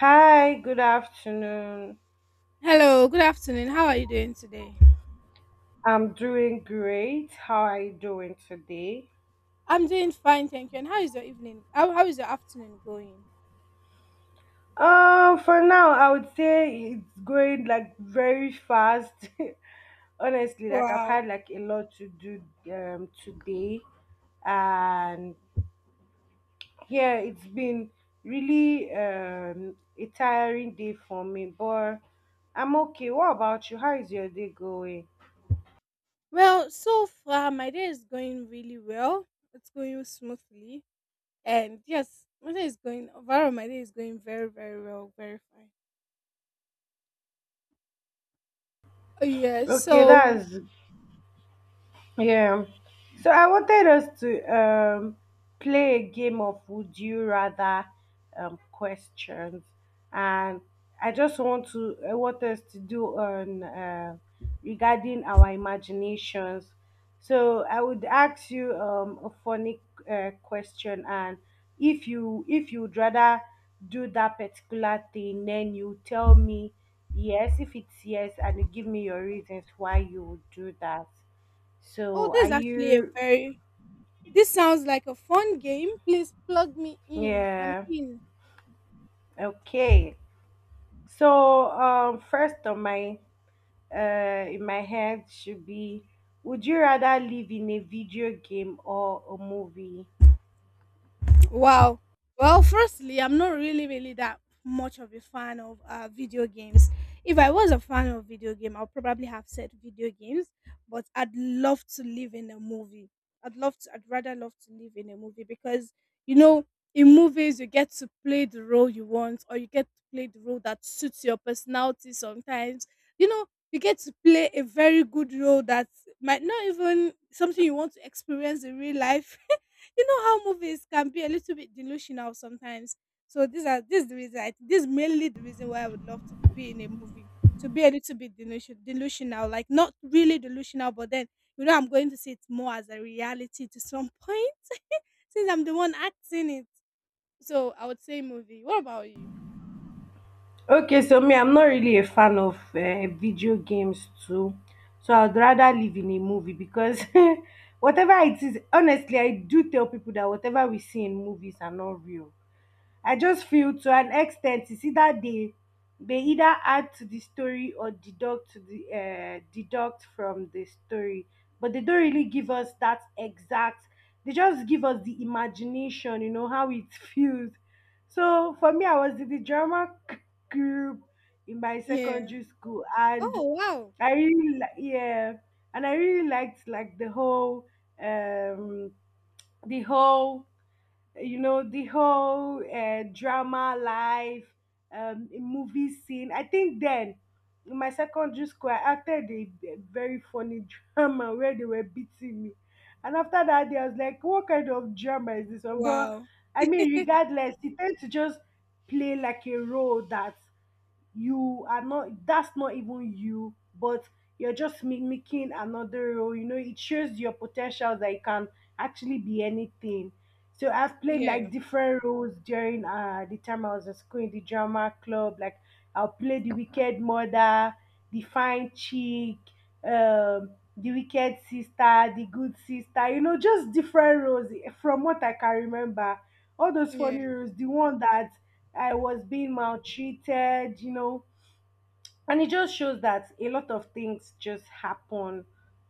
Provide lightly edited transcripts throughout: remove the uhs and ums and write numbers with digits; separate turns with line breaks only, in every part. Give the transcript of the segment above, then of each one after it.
Hi, good afternoon.
Hello, good afternoon. How are you doing today?
I'm doing great. How are you doing today?
I'm doing fine, thank you. And how is your evening? How is your afternoon going?
For now, I would say it's going like very fast. Honestly, like I've
Wow.
had like a lot to do today, and yeah, it's been really a tiring day for me, but I'm okay. What about you? How is your day going?
Well, so far my day is going really well. It's going smoothly. And yes, my day is going very, very well, very fine. Oh yeah,
Okay,
so
that's yeah. So I wanted us to play a game of would you rather questions, and I want us to do on regarding our imaginations. So I would ask you a funny question, and if you'd rather do that particular thing, then you tell me yes if it's yes, and you give me your reasons why you would do that.
oh
So
this
are
is actually a
you?
very this sounds like a fun game. Please plug me in. I'm
Yeah.
in.
Okay. So first on my in my head should be, would you rather live in a video game or a movie?
Wow. Well, firstly, I'm not really, really that much of a fan of video games. If I was a fan of video game, I'll probably have said video games. But I'd love to live in a movie. I'd love to. I'd rather love to live in a movie because you know, in movies, you get to play the role you want, or you get to play the role that suits your personality. Sometimes, you know, you get to play a very good role that might not even something you want to experience in real life. You know how movies can be a little bit delusional sometimes. So these are this is the reason. This is mainly the reason why I would love to be in a movie to be a little bit delusional, like not really delusional, but then you know I'm going to see it more as a reality to some point since I'm the one acting it. So I would say movie. What about you?
Okay, so me, I'm not really a fan of video games too. So I'd rather live in a movie because whatever it is, honestly, I do tell people that whatever we see in movies are not real. I just feel to an extent it's either they either add to the story or deduct to the deduct from the story, but they don't really give us that exact. They just give us the imagination, you know how it feels. So for me, I was in the drama group in my
Yeah.
secondary school,
Oh
and
wow.
yeah, and I really liked like um the whole you know the whole drama life movie scene, I think then in my secondary school I acted a very funny drama where they were beating me, and after that day I was like, what kind of drama is this one? But
Wow.
I mean, regardless, you tend to just play like a role that you are not, that's not even you, but you're just mimicking another role. You know, it shows your potential that you can actually be anything. So I've played
Yeah.
like different roles during the time I was in school in the drama club, like I'll play the wicked mother, the fine chick, um the wicked sister, the good sister, you know, just different roles from what I can remember, all those
Yeah.
funny roles, the one that I was being maltreated, you know. And it just shows that a lot of things just happen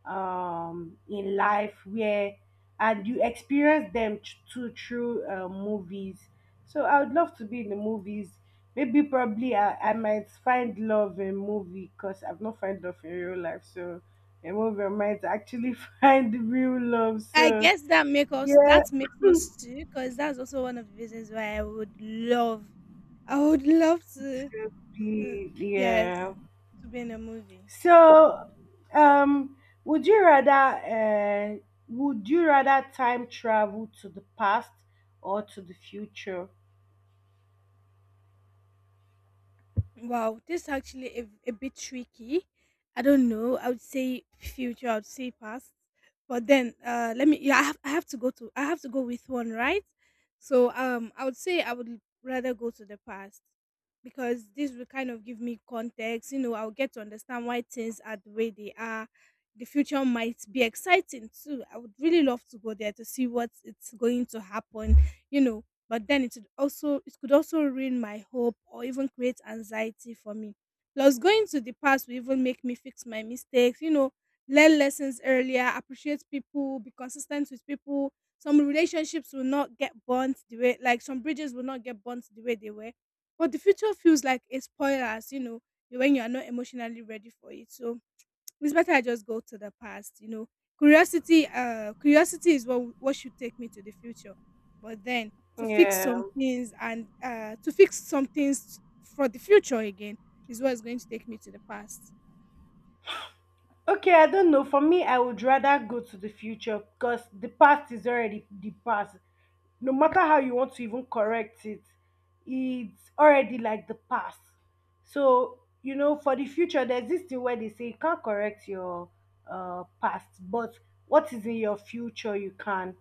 in life where, and you experience them too through movies. So I would love to be in the movies. Maybe probably I might find love in movie because I've not found love in real life. So a movie I might actually find real love.
I
So
guess
yeah,
that makes us too, because that's also one of the reasons why I would love
it
to
could
To
be,
yes,
yeah.
to be in a movie.
So, um, would you rather time travel to the past or to the future?
Wow, this is actually a bit tricky. I don't know. I would say future. I would say past. But then, let me. Yeah, I have. I have to go to. I have to go with one, right? So, I would say I would rather go to the past because this will kind of give me context. You know, I'll get to understand why things are the way they are. The future might be exciting too. I would really love to go there to see what it's going to happen. You know, but then it could also ruin my hope or even create anxiety for me. Plus, going to the past will even make me fix my mistakes. You know, learn lessons earlier, appreciate people, be consistent with people. Some relationships will not get burnt the way like some bridges will not get burnt the way they were. But the future feels like a spoiler, as you know, when you are not emotionally ready for it. So it's better I just go to the past, you know. Curiosity is what should take me to the future. But then to fix
Yeah.
some things and to fix some things for the future again is what's going to take me to the past.
Okay, I don't know. For me, I would rather go to the future because the past is already the past. No matter how you want to even correct it, it's already like the past. So, you know, for the future, there's this thing where they say you can't correct your past, but what is in your future, you can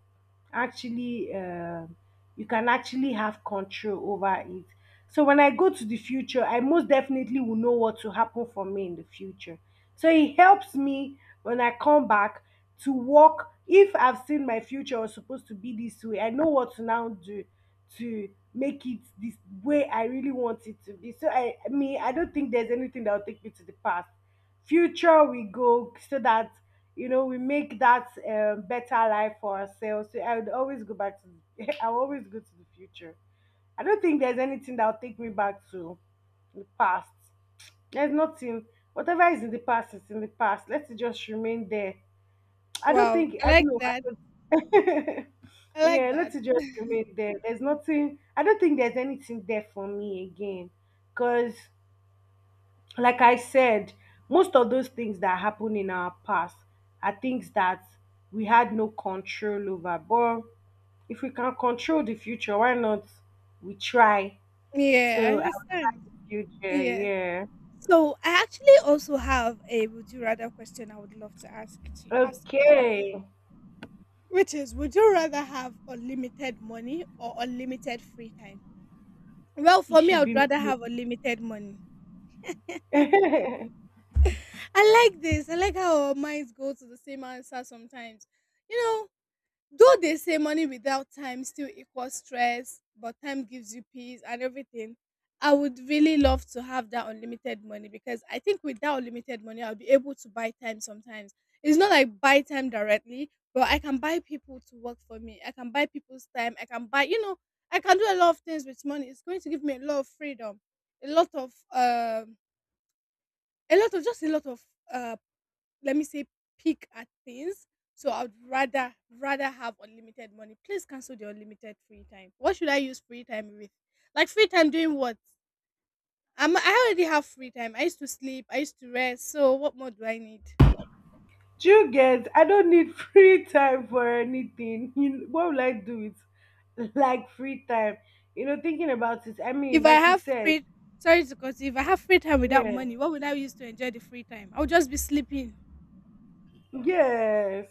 actually, um you can actually have control over it. So when I go to the future, I most definitely will know what to happen for me in the future. So it helps me when I come back to work. If I've seen my future was supposed to be this way, I know what to now do to make it this way I really want it to be. So I mean, I don't think there's anything that will take me to the past. Future we go so that you know we make that better life for ourselves. So I would always go back to. I will always go to the future. I don't think there's anything that'll take me back to the past. There's nothing. Whatever is in the past is in the past. Let it just remain there. I don't
Wow,
think
I
I don't
like
know. I
that.
don't,
I like
yeah,
that.
let it just remain there. There's nothing. I don't think there's anything there for me again. Cause like I said, most of those things that happen in our past are things that we had no control over. But if we can control the future, why not? We try.
Yeah, I
So
understand.
future,
Yeah.
yeah.
So I actually also have a would you rather question I would love to ask you right
Okay.
now, which is would you rather have unlimited money or unlimited free time? Well,
It
for me, I
should
would
be
rather
money.
have unlimited money. I like this. I like how our minds go to the same answer sometimes. You know, though they say money without time still equals stress, but time gives you peace and everything. I would really love to have that unlimited money because I think with that unlimited money, I'll be able to buy time sometimes. It's not like buy time directly, but I can buy people to work for me. I can buy people's time. I can buy, you know, I can do a lot of things with money. It's going to give me a lot of freedom, a lot of a lot of uh let me say pick at things. So I'd rather have unlimited money. Please cancel the unlimited free time. What should I use free time with? Like free time doing what? I already have free time. I used to sleep. I used to rest. So what more do I need?
Do you get I don't need free time for anything. You what will I do with like free time? You know, thinking about it, I
If
mean,
I
like you
have
said,
free, sorry to cut you. If I have free time without
yeah.
money, what would I use to enjoy the free time? I would just be sleeping.
Yes.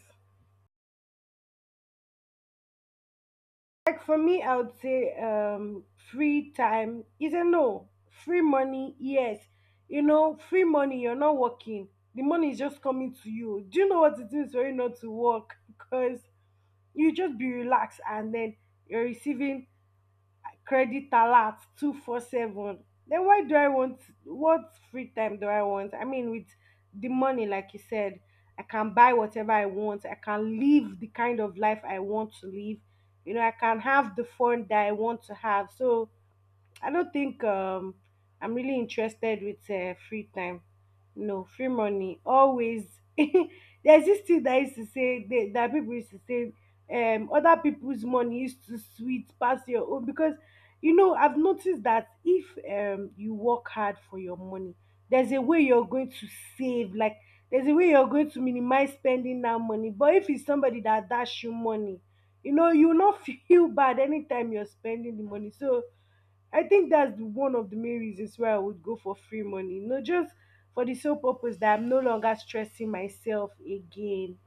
Like for me, I would say free time is a no. Free money, yes. You know, free money, you're not working. The money is just coming to you. Do you know what it means for you not to work? Because you just be relaxed and then you're receiving credit alert 24/7. Then why do I want, what free time do I want? I mean, with the money, like you said, I can buy whatever I want, I can live the kind of life I want to live, you know, I can have the fun that I want to have. So I don't think. I'm really interested with free time. No, free money always. There's this thing that used to say that people used to say other people's money used to sweet pass your own, because you know I've noticed that if you work hard for your money, there's a way you're going to save. Like there's a way you're going to minimize spending that money. But if it's somebody that dash you money, you know you will not feel bad anytime you're spending the money. So I think that's one of the main reasons why I would go for free money. No, just for the sole purpose that I'm no longer stressing myself again.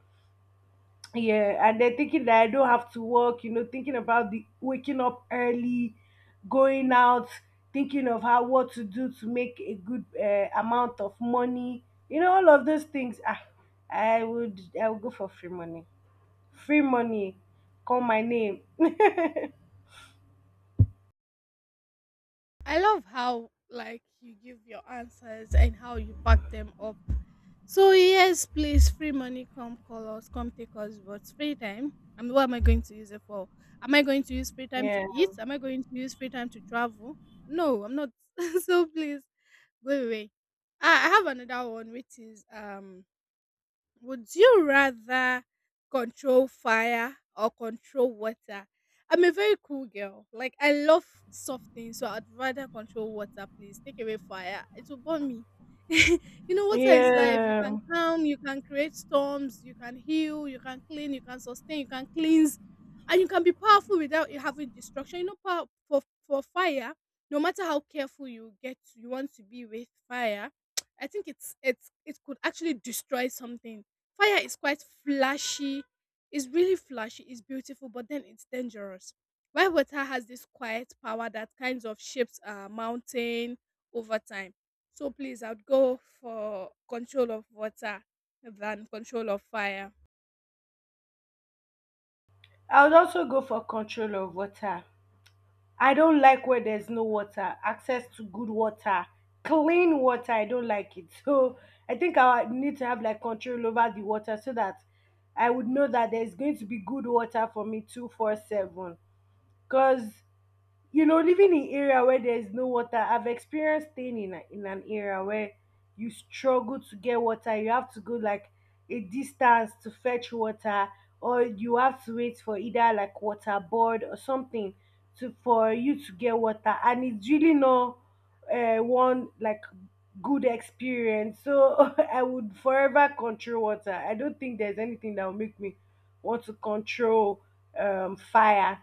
Yeah, and then thinking that I don't have to work, you know, thinking about the waking up early, going out, thinking of how what to do to make a good amount of money. You know, all of those things. Ah, I would go for free money. Free money, call my name.
I love how like you give your answers and how you back them up. So yes, please, free money, come call us, come take us, but free time. I mean, what am I going to use it for? Am I going to use free time
yeah.
to eat? Am I going to use free time to travel? No, I'm not. So please, go away. I have another one, which is would you rather control fire or control water? I'm a very cool girl. Like I love soft things, so I'd rather control water, please. Take away fire. It will burn me. You know, water is life. You can
Yeah.
calm, you can create storms, you can heal, you can clean, you can sustain, you can cleanse, and you can be powerful without you having destruction. You know, power for fire, no matter how careful you get, you want to be with fire. I think it could actually destroy something. Fire is quite flashy. It's really flashy. It's beautiful, but then it's dangerous. While water has this quiet power that kind of shapes a mountain over time. So please, I'd go for control of water than control of fire.
I would also go for control of water. I don't like where there's no water, access to good water, clean water. I don't like it. So I think I need to have like control over the water so that I would know that there's going to be good water for me 24/7. Because you know, living in area where there's no water, I've experienced staying in an area where you struggle to get water. You have to go like a distance to fetch water, or you have to wait for either like water board or something to for you to get water, and it's really not one like good experience. So I would forever control water. I don't think there's anything that will make me want to control fire.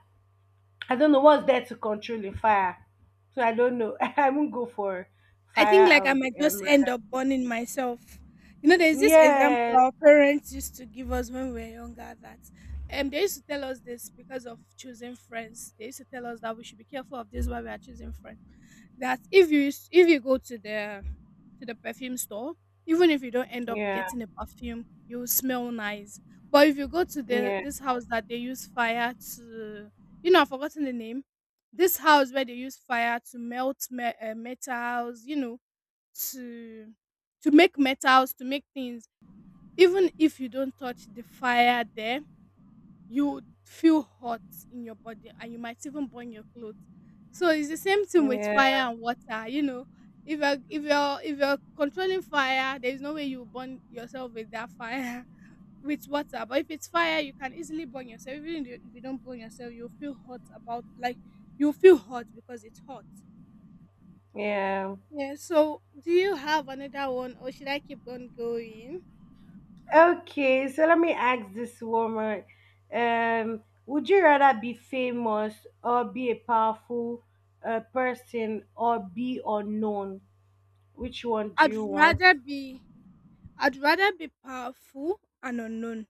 I don't know what's there to control a fire. So I don't know. I won't go for
I think
fire. I
like I
would
might just end up burning myself. You know, there's this example
yeah,
our parents used to give us when we were younger that they used to tell us this because of choosing friends. They used to tell us that we should be careful of this while we are choosing friends. That if you go to the perfume store, even if you don't end up
yeah,
getting a perfume, you will smell nice. But if you go to the
yeah,
this house that they use fire to, you know, I've forgotten the name. This house where they use fire to melt metals, you know, to make metals to make things, even if you don't touch the fire there, you would feel hot in your body and you might even burn your clothes. So it's the same thing with
yeah,
fire and water. You know, if you're controlling fire, there's no way you will burn yourself with that fire with water. But if it's fire you can easily burn yourself. Even if you don't burn yourself, you'll feel hot about, like, you feel hot because it's hot.
yeah.
Yeah, so do you have another one or should I keep on going?
Okay, so let me ask this woman. Would you rather be famous or be a powerful person or be unknown? Which one do
I'd
you want?
rather be I'd rather be powerful and unknown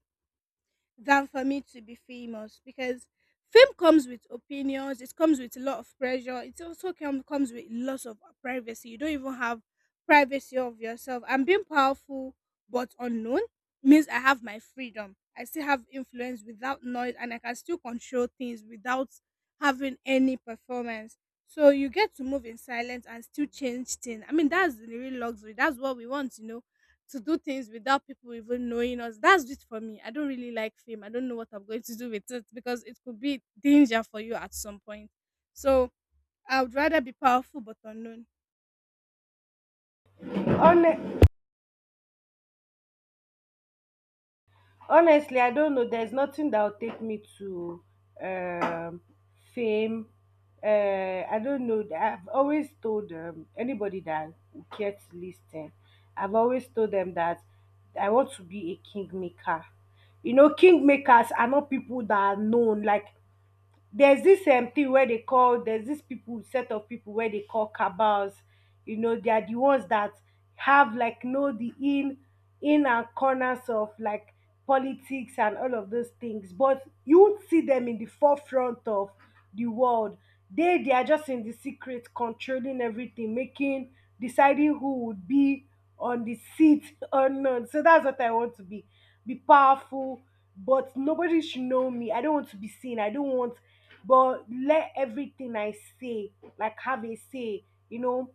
than for me to be famous, because fame comes with opinions, it comes with a lot of pressure, it also comes with lots of privacy, you don't even have privacy of yourself. And being powerful but unknown means I have my freedom, I still have influence without noise, and I can still control things without having any performance. So you get to move in silence and still change things. I mean, that's the real luxury. That's what we want, you know, to do things without people even knowing us. That's it for me. I don't really like fame. I don't know what I'm going to do with it because it could be danger for you at some point. So I would rather be powerful but unknown.
On honestly I don't know, there's nothing that will take me to um fame. uh I don't know, I've always told anybody that would care to listen, I've always told them that I want to be a kingmaker. You know, kingmakers are not people that are known. Like there's this thing wey they call, there's this people, set of people where they call cabals. You know, they are the ones that have like know the in and corners of like politics and all of those things, but you won't see them in the forefront of the world. They are just in the secret controlling everything, making, deciding who would be on the seat or not. So that's what I want to be powerful, but nobody should know me. I don't want to be seen. I don't want, but let everything I say, like have a say, you know,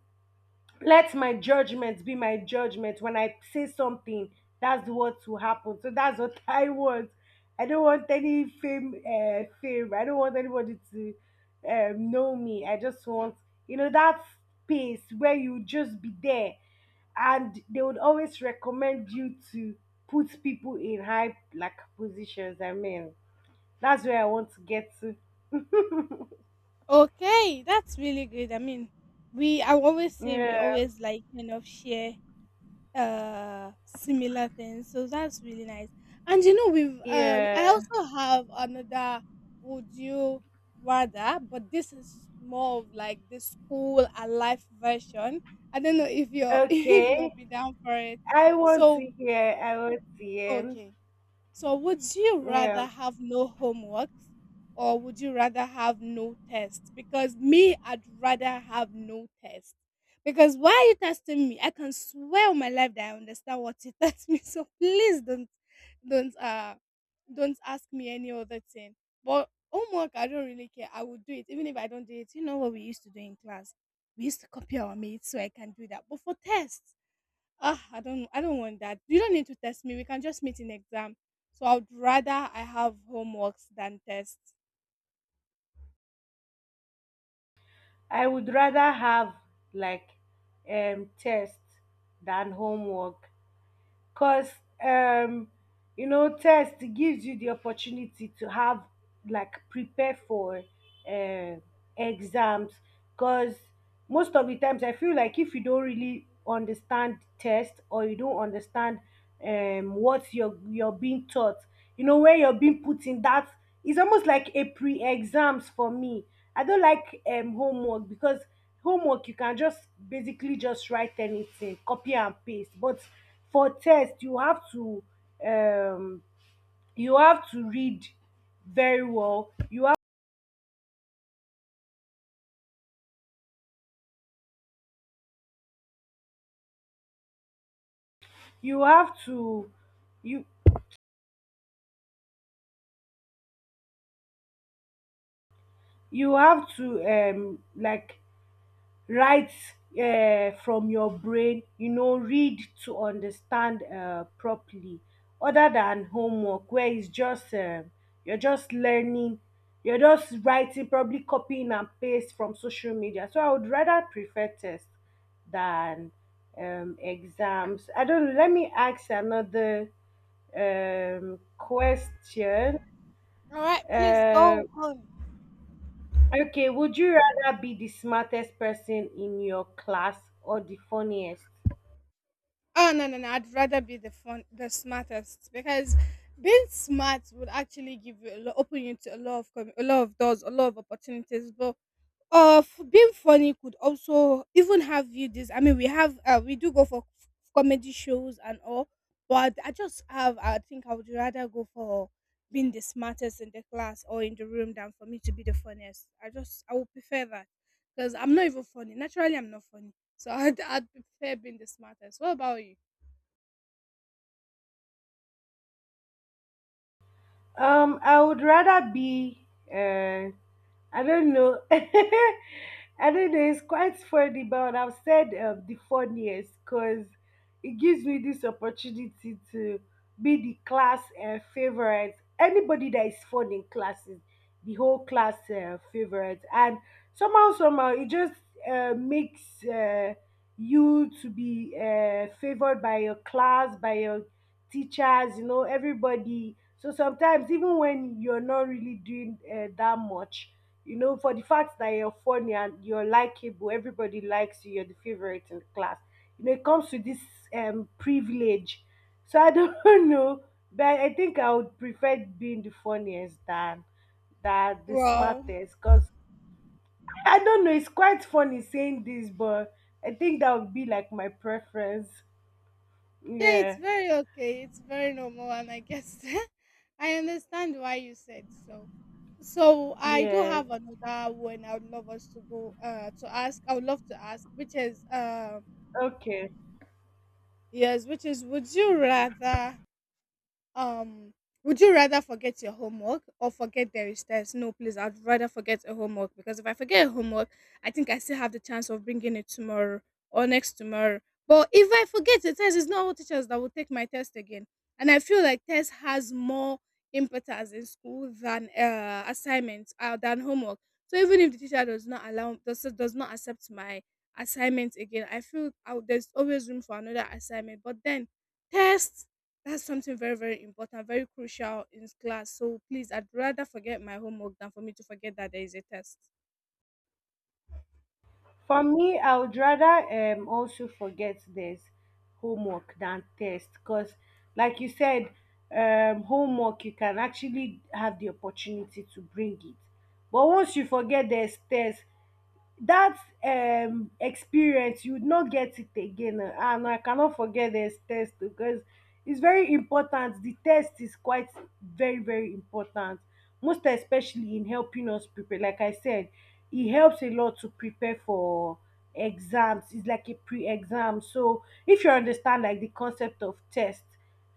let my judgment be my judgment when I say something. That's what will happen, so that's what I want I don't want any fame, fame. I don't want anybody to know me. I just want that space where you just be there, and they would always recommend you to put people in high like positions. I mean, that's where I want to get to.
Okay, that's really good. I mean, we I always say we
Yeah.
always like kind of share similar things, so that's really nice. And you know we've I
Yeah.
also have another would you rather, but this is more of like the school a life version. I don't know if you're if you'll
Okay,
be down for it.
i want to
So
hear i want to hear.
okay, so, would you
Yeah,
rather have no homeworks or would you rather have no tests? Because me, I'd rather have no test. Because why are you testing me? I can swear on my life that I understand what you test me. So please don't, uh, don't ask me any other thing. But homework, I don't really care. I would do it even if I don't do it. You know what we used to do in class? We used to copy our mates, so I can do that. But for tests, ah, I don't want that. You don't need to test me. We can just meet in exam. So I'd rather I have homeworks than tests.
I would rather have like test than homework because um you know test gives you the opportunity to have like prepare for uh, exams. Because most of the times I feel like if you don't really understand test, or you don't understand what you're being taught, you know, where you're being put in that, it's almost like a pre-exams for me. I don't like homework because homework you can just basically just write anything, copy and paste. But for test you have to, um, you have to read very well. You have to, you you have to like write from your brain, you know, read to understand properly, other than homework where it's just you're just learning, you're just writing, probably copying and paste from social media. So I would rather prefer test than exams. I don't know, let me ask another question.
All right, please go
um
on.
Okay, would you rather be the smartest person in your class or the funniest?
Oh no, no, no! I'd rather be the smartest because being smart would actually give you a lot, open you to a lot of a lot of doors, a lot of opportunities. But of being funny could also even have you this. I mean, we have we do go for comedy shows and all, but I just have. I think I would rather go for being the smartest in the class or in the room than for me to be the funniest. I would prefer that because I'm not even funny. Naturally, I'm not funny, so I'd prefer being the smartest. What about you?
I would rather be. Uh, I don't know. I don't know. It's quite funny, but I've said the funniest because it gives me this opportunity to be the class favorite. Anybody that is fun in class is the whole class favorite, and somehow, somehow, it just makes you to be favored by your class, by your teachers, you know, everybody. So sometimes, even when you're not really doing that much, you know, for the fact that you're funny and you're likable, everybody likes you, you're the favorite in the class. You know, it comes with this privilege. So I don't know, but I think I would prefer being the funniest than that the
Wow.
smartest. Cause I don't know, it's quite funny saying this, but I think that would be like my preference.
Yeah, it's
Yeah.
very okay. It's very normal, and I guess I understand why you said so. So I do
Yeah.
have another one I would love us to go to ask. I would love to ask, which is
Okay.
yes, which is um, would you rather forget your homework or forget there is test? No, please, I'd rather forget a homework because if I forget a homework, I think I still have the chance of bringing it tomorrow or next tomorrow. But if I forget a test, it's not all teachers that will take my test again. And I feel like test has more importance in school than assignments than homework. So even if the teacher does not allow does not accept my assignment again, there's always room for another assignment. But then test. That's something very, very important, very crucial in class. So please, I'd rather forget my homework than for me to forget that there is a test.
For me, I would rather also forget there's homework than test because, like you said, homework you can actually have the opportunity to bring it, but once you forget there's test, that experience you would not get it again, and I cannot forget this test because it's very important. The test is quite very, very important, most especially in helping us prepare. Like I said, it helps a lot to prepare for exams. It's like a pre-exam. So if you understand like the concept of test,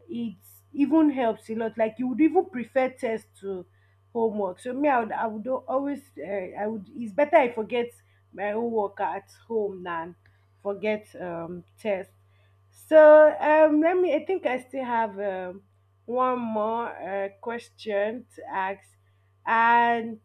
it even helps a lot. Like you would even prefer test to homework. So me, I would always, I would, it's better I forget my own worker at home than forget test. So, let me, I think I still have one more question to ask, and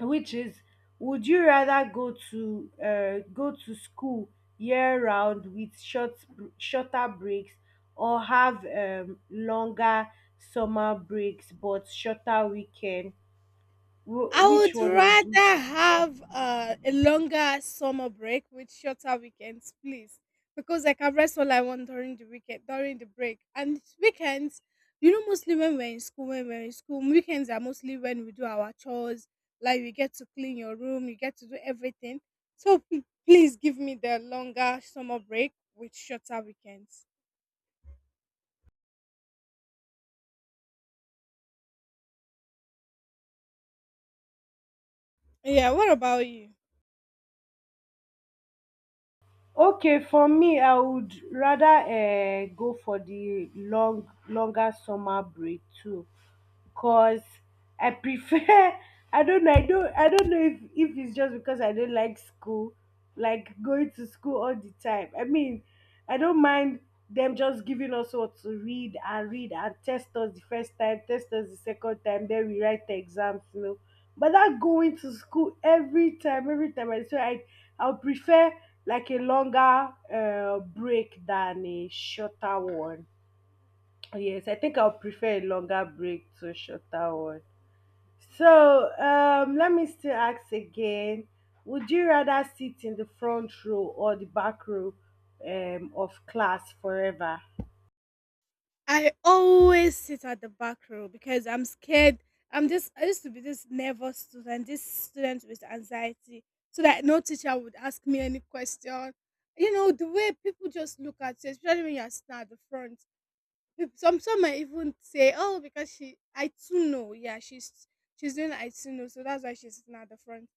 which is, would you rather go to school year round with shorter breaks, or have longer summer breaks but shorter weekend?
I
Which
would
one would you?
rather have a longer summer break with shorter weekends, please, because I can rest all I want during the weekend, during the break. And weekends, you know, mostly when we're in school, weekends are mostly when we do our chores, like we get to clean your room, you get to do everything. So please give me the longer summer break with shorter weekends. Yeah, what about you?
Okay, for me, I would rather go for the longer summer break too, cause I prefer I don't know, I don't know if it's just because I don't like school, like going to school all the time. I mean, I don't mind them just giving us what to read and read, and test us the first time, test us the second time, then we write the exams, you know. But that going to school every time I so I I'll prefer like a longer break than a shorter one. Yes, I think I'll prefer a longer break to a shorter one. So, let me still ask again. Would you rather sit in the front row or the back row, of class forever?
I always sit at the back row because I'm scared. I used to be this nervous student, this student with anxiety, so that no teacher would ask me any question. You know the way people just look at you, especially when you're sitting at the front. Some might even say, "Oh, because she I too know, yeah, she's doing I too know, so that's why she's sitting at the front."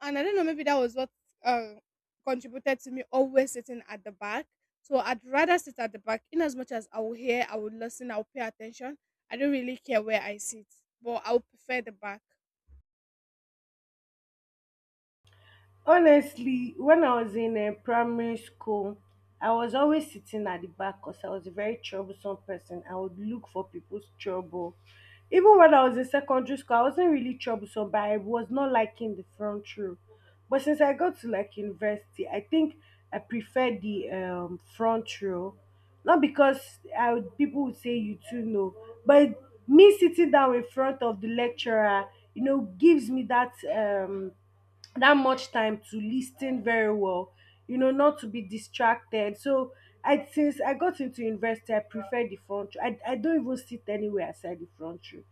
And I don't know, maybe that was what uh, contributed to me always sitting at the back. So I'd rather sit at the back, in as much as I will hear, I will listen, I will pay attention. I don't really care where I sit, but I would prefer the back.
Honestly, when I was in primary school, I was always sitting at the back because I was a very troublesome person. I would look for people's trouble. Even when I was in secondary school, I wasn't really troublesome, but I was not liking the front row. But since I got to like university, I think I prefer the front row. Not because I would, people would say you too know, but me sitting down in front of the lecturer, you know, gives me that that much time to listen very well, you know, not to be distracted. So I, since I got into university, I prefer the front row. I don't even sit anywhere aside the front row,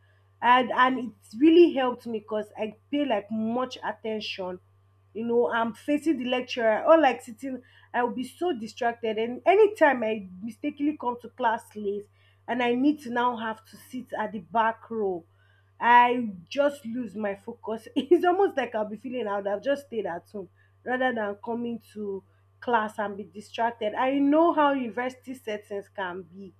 and it really helped me because I pay like much attention, you know, I'm facing the lecturer. Or like sitting, I will be so distracted, and anytime I mistakenly come to class late and I need to now have to sit at the back row, I just lose my focus. It's almost like I'll be feeling I would have just stayed at home rather than coming to class and be distracted. I know how university settings can be.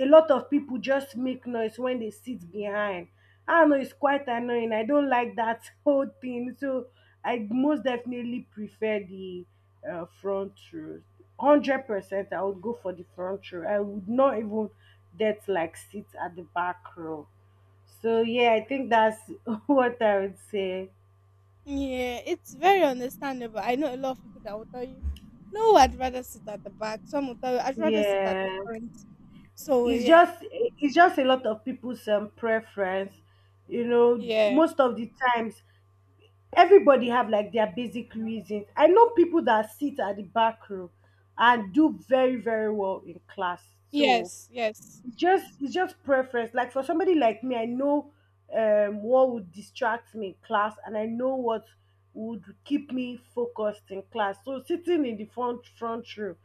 A lot of people just make noise when they sit behind. I know it's quite annoying. I don't like that whole thing. So I most definitely prefer the front row. 100% I would go for the front row. I would not even that like sit at the back row. So yeah, I think that's what I would say.
Yeah, it's very understandable. I know a lot of people that will tell you, no, I'd rather sit at the back. Some will tell you, I'd rather sit at the
Yeah,
front. So yeah,
it's just a lot of people's preference. You know,
yeah,
most of the times everybody have like their basic reasons. I know people that sit at the back row and do very, very well in class. So
yes, yes,
it's just preference. Like for somebody like me, I know what would distract me in class, and I know what would keep me focused in class. So sitting in the front row,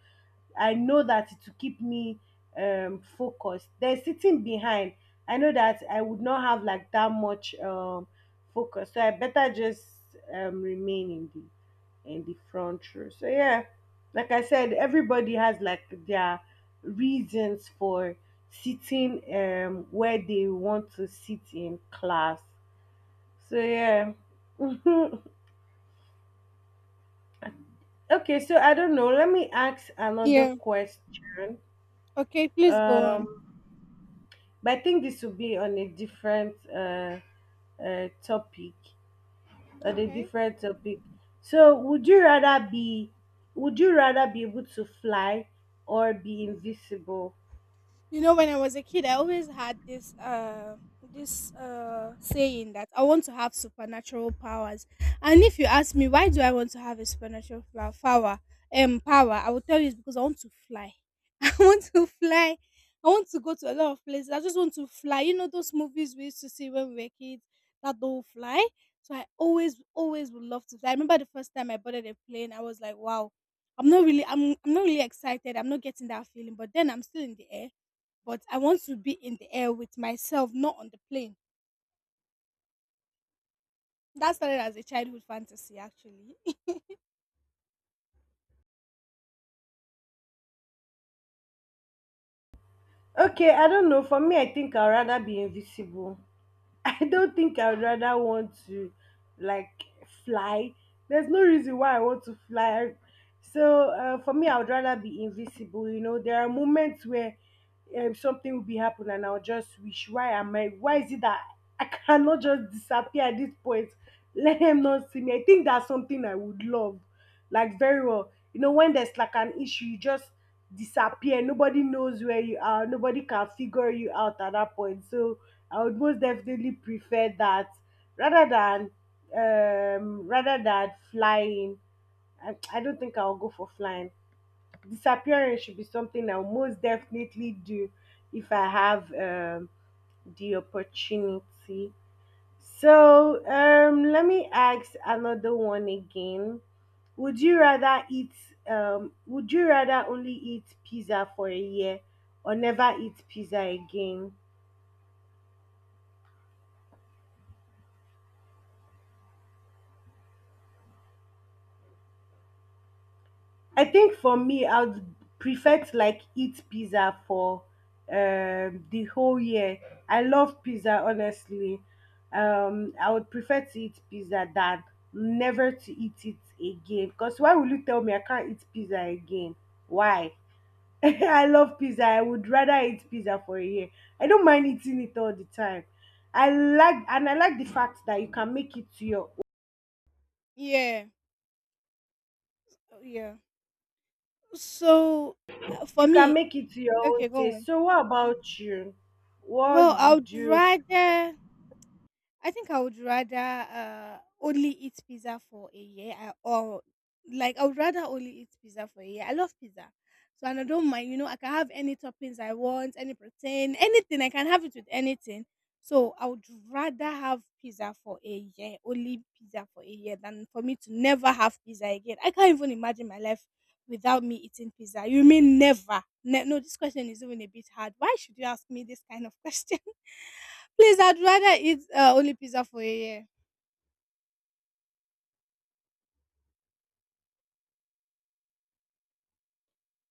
I know that it will keep me focused, then sitting behind, I know that I would not have like that much focus. So I better just remain in the front row. So yeah, like I said, everybody has like their reasons for sitting where they want to sit in class. So yeah. Okay, so I don't know. Let me ask another
yeah.
question.
Okay, please go on.
Um, but I think this will be on a different topic. On a
Okay.
different topic. So would you rather be, would you rather be able to fly or be invisible?
You know, when I was a kid, I always had this saying that I want to have supernatural powers. And if you ask me why do I want to have a power, power, I will tell you it's because I want to fly. I want to fly. I want to go to a lot of places. I just want to fly. You know those movies we used to see when we were kids that don't fly. So I always, always would love to fly. I remember the first time I boarded a plane, I was like, wow, I'm not really excited. I'm not getting that feeling. But then I'm still in the air, but I want to be in the air with myself, not on the plane. That started as a childhood fantasy, actually.
Okay, I don't know. For me, I think I'd rather be invisible. I don't think I would rather want to like fly. There's no reason why I want to fly. So, for me, I would rather be invisible. You know, there are moments where something will be happening, and I'll just wish, why am I? Why is it that I cannot just disappear at this point? Let him not see me. I think that's something I would love, like very well. You know, when there's like an issue, you just disappear. Nobody knows where you are. Nobody can figure you out at that point. So I would most definitely prefer that rather than flying. I don't think I'll go for flying. Disappearing should be something I'll most definitely do if I have the opportunity. So let me ask another one again. Would you rather eat, would you rather only eat pizza for a year or never eat pizza again? I think for me, I would prefer to like eat pizza for the whole year. I love pizza, honestly. I would prefer to eat pizza than never to eat it again. Because why would you tell me I can't eat pizza again? Why? I love pizza. I would rather eat pizza for a year. I don't mind eating it all the time. I like, and I like the fact that you can make it to your,
Yeah, oh, yeah. So uh, for
you can
me,
make it to your
okay,
own
go
taste.
on.
So what about you?
Well,
What
I would
would you?
rather I think I would rather only eat pizza for a year I- or like I would rather only eat pizza for a year. I love pizza. So and I don't mind, you know, I can have any toppings I want, any protein, anything. I can have it with anything. So I would rather have pizza for a year, only pizza for a year than for me to never have pizza again. I can't even imagine my life without me eating pizza. You mean never? No, this question is even a bit hard. Why should you ask me this kind of question? Please, I'd rather eat only pizza for a year.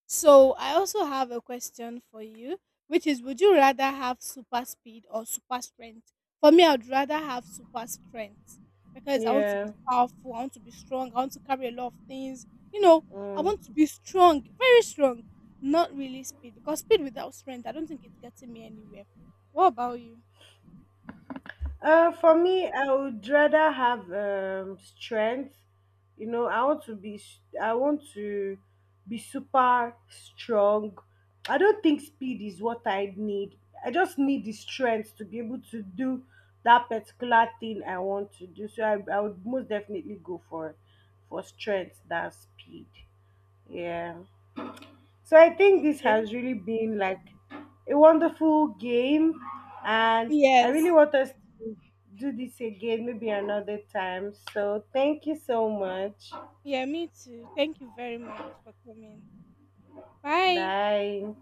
So, I also have a question for you, which is would you rather have super speed or super strength? For me, I'd rather have super strength because I want to be
Yeah.
powerful, I want to be strong, I want to carry a lot of things. You know, I want
Mm.
to be strong, very strong, not really speed because speed without strength, I don't think it's getting me anywhere. What about you?
For me, I would rather have strength. You know, I want to be I want to be super strong. I don't think speed is what I need. I just need the strength to be able to do that particular thing I want to do. So I would most definitely go for strength than speed. Yeah. So I think this
Okay.
has really been like a wonderful game, and I really
Yes.
want us to do this again, maybe another time. So thank you so much.
Yeah, me too. Thank you very much for coming. Bye.
Bye.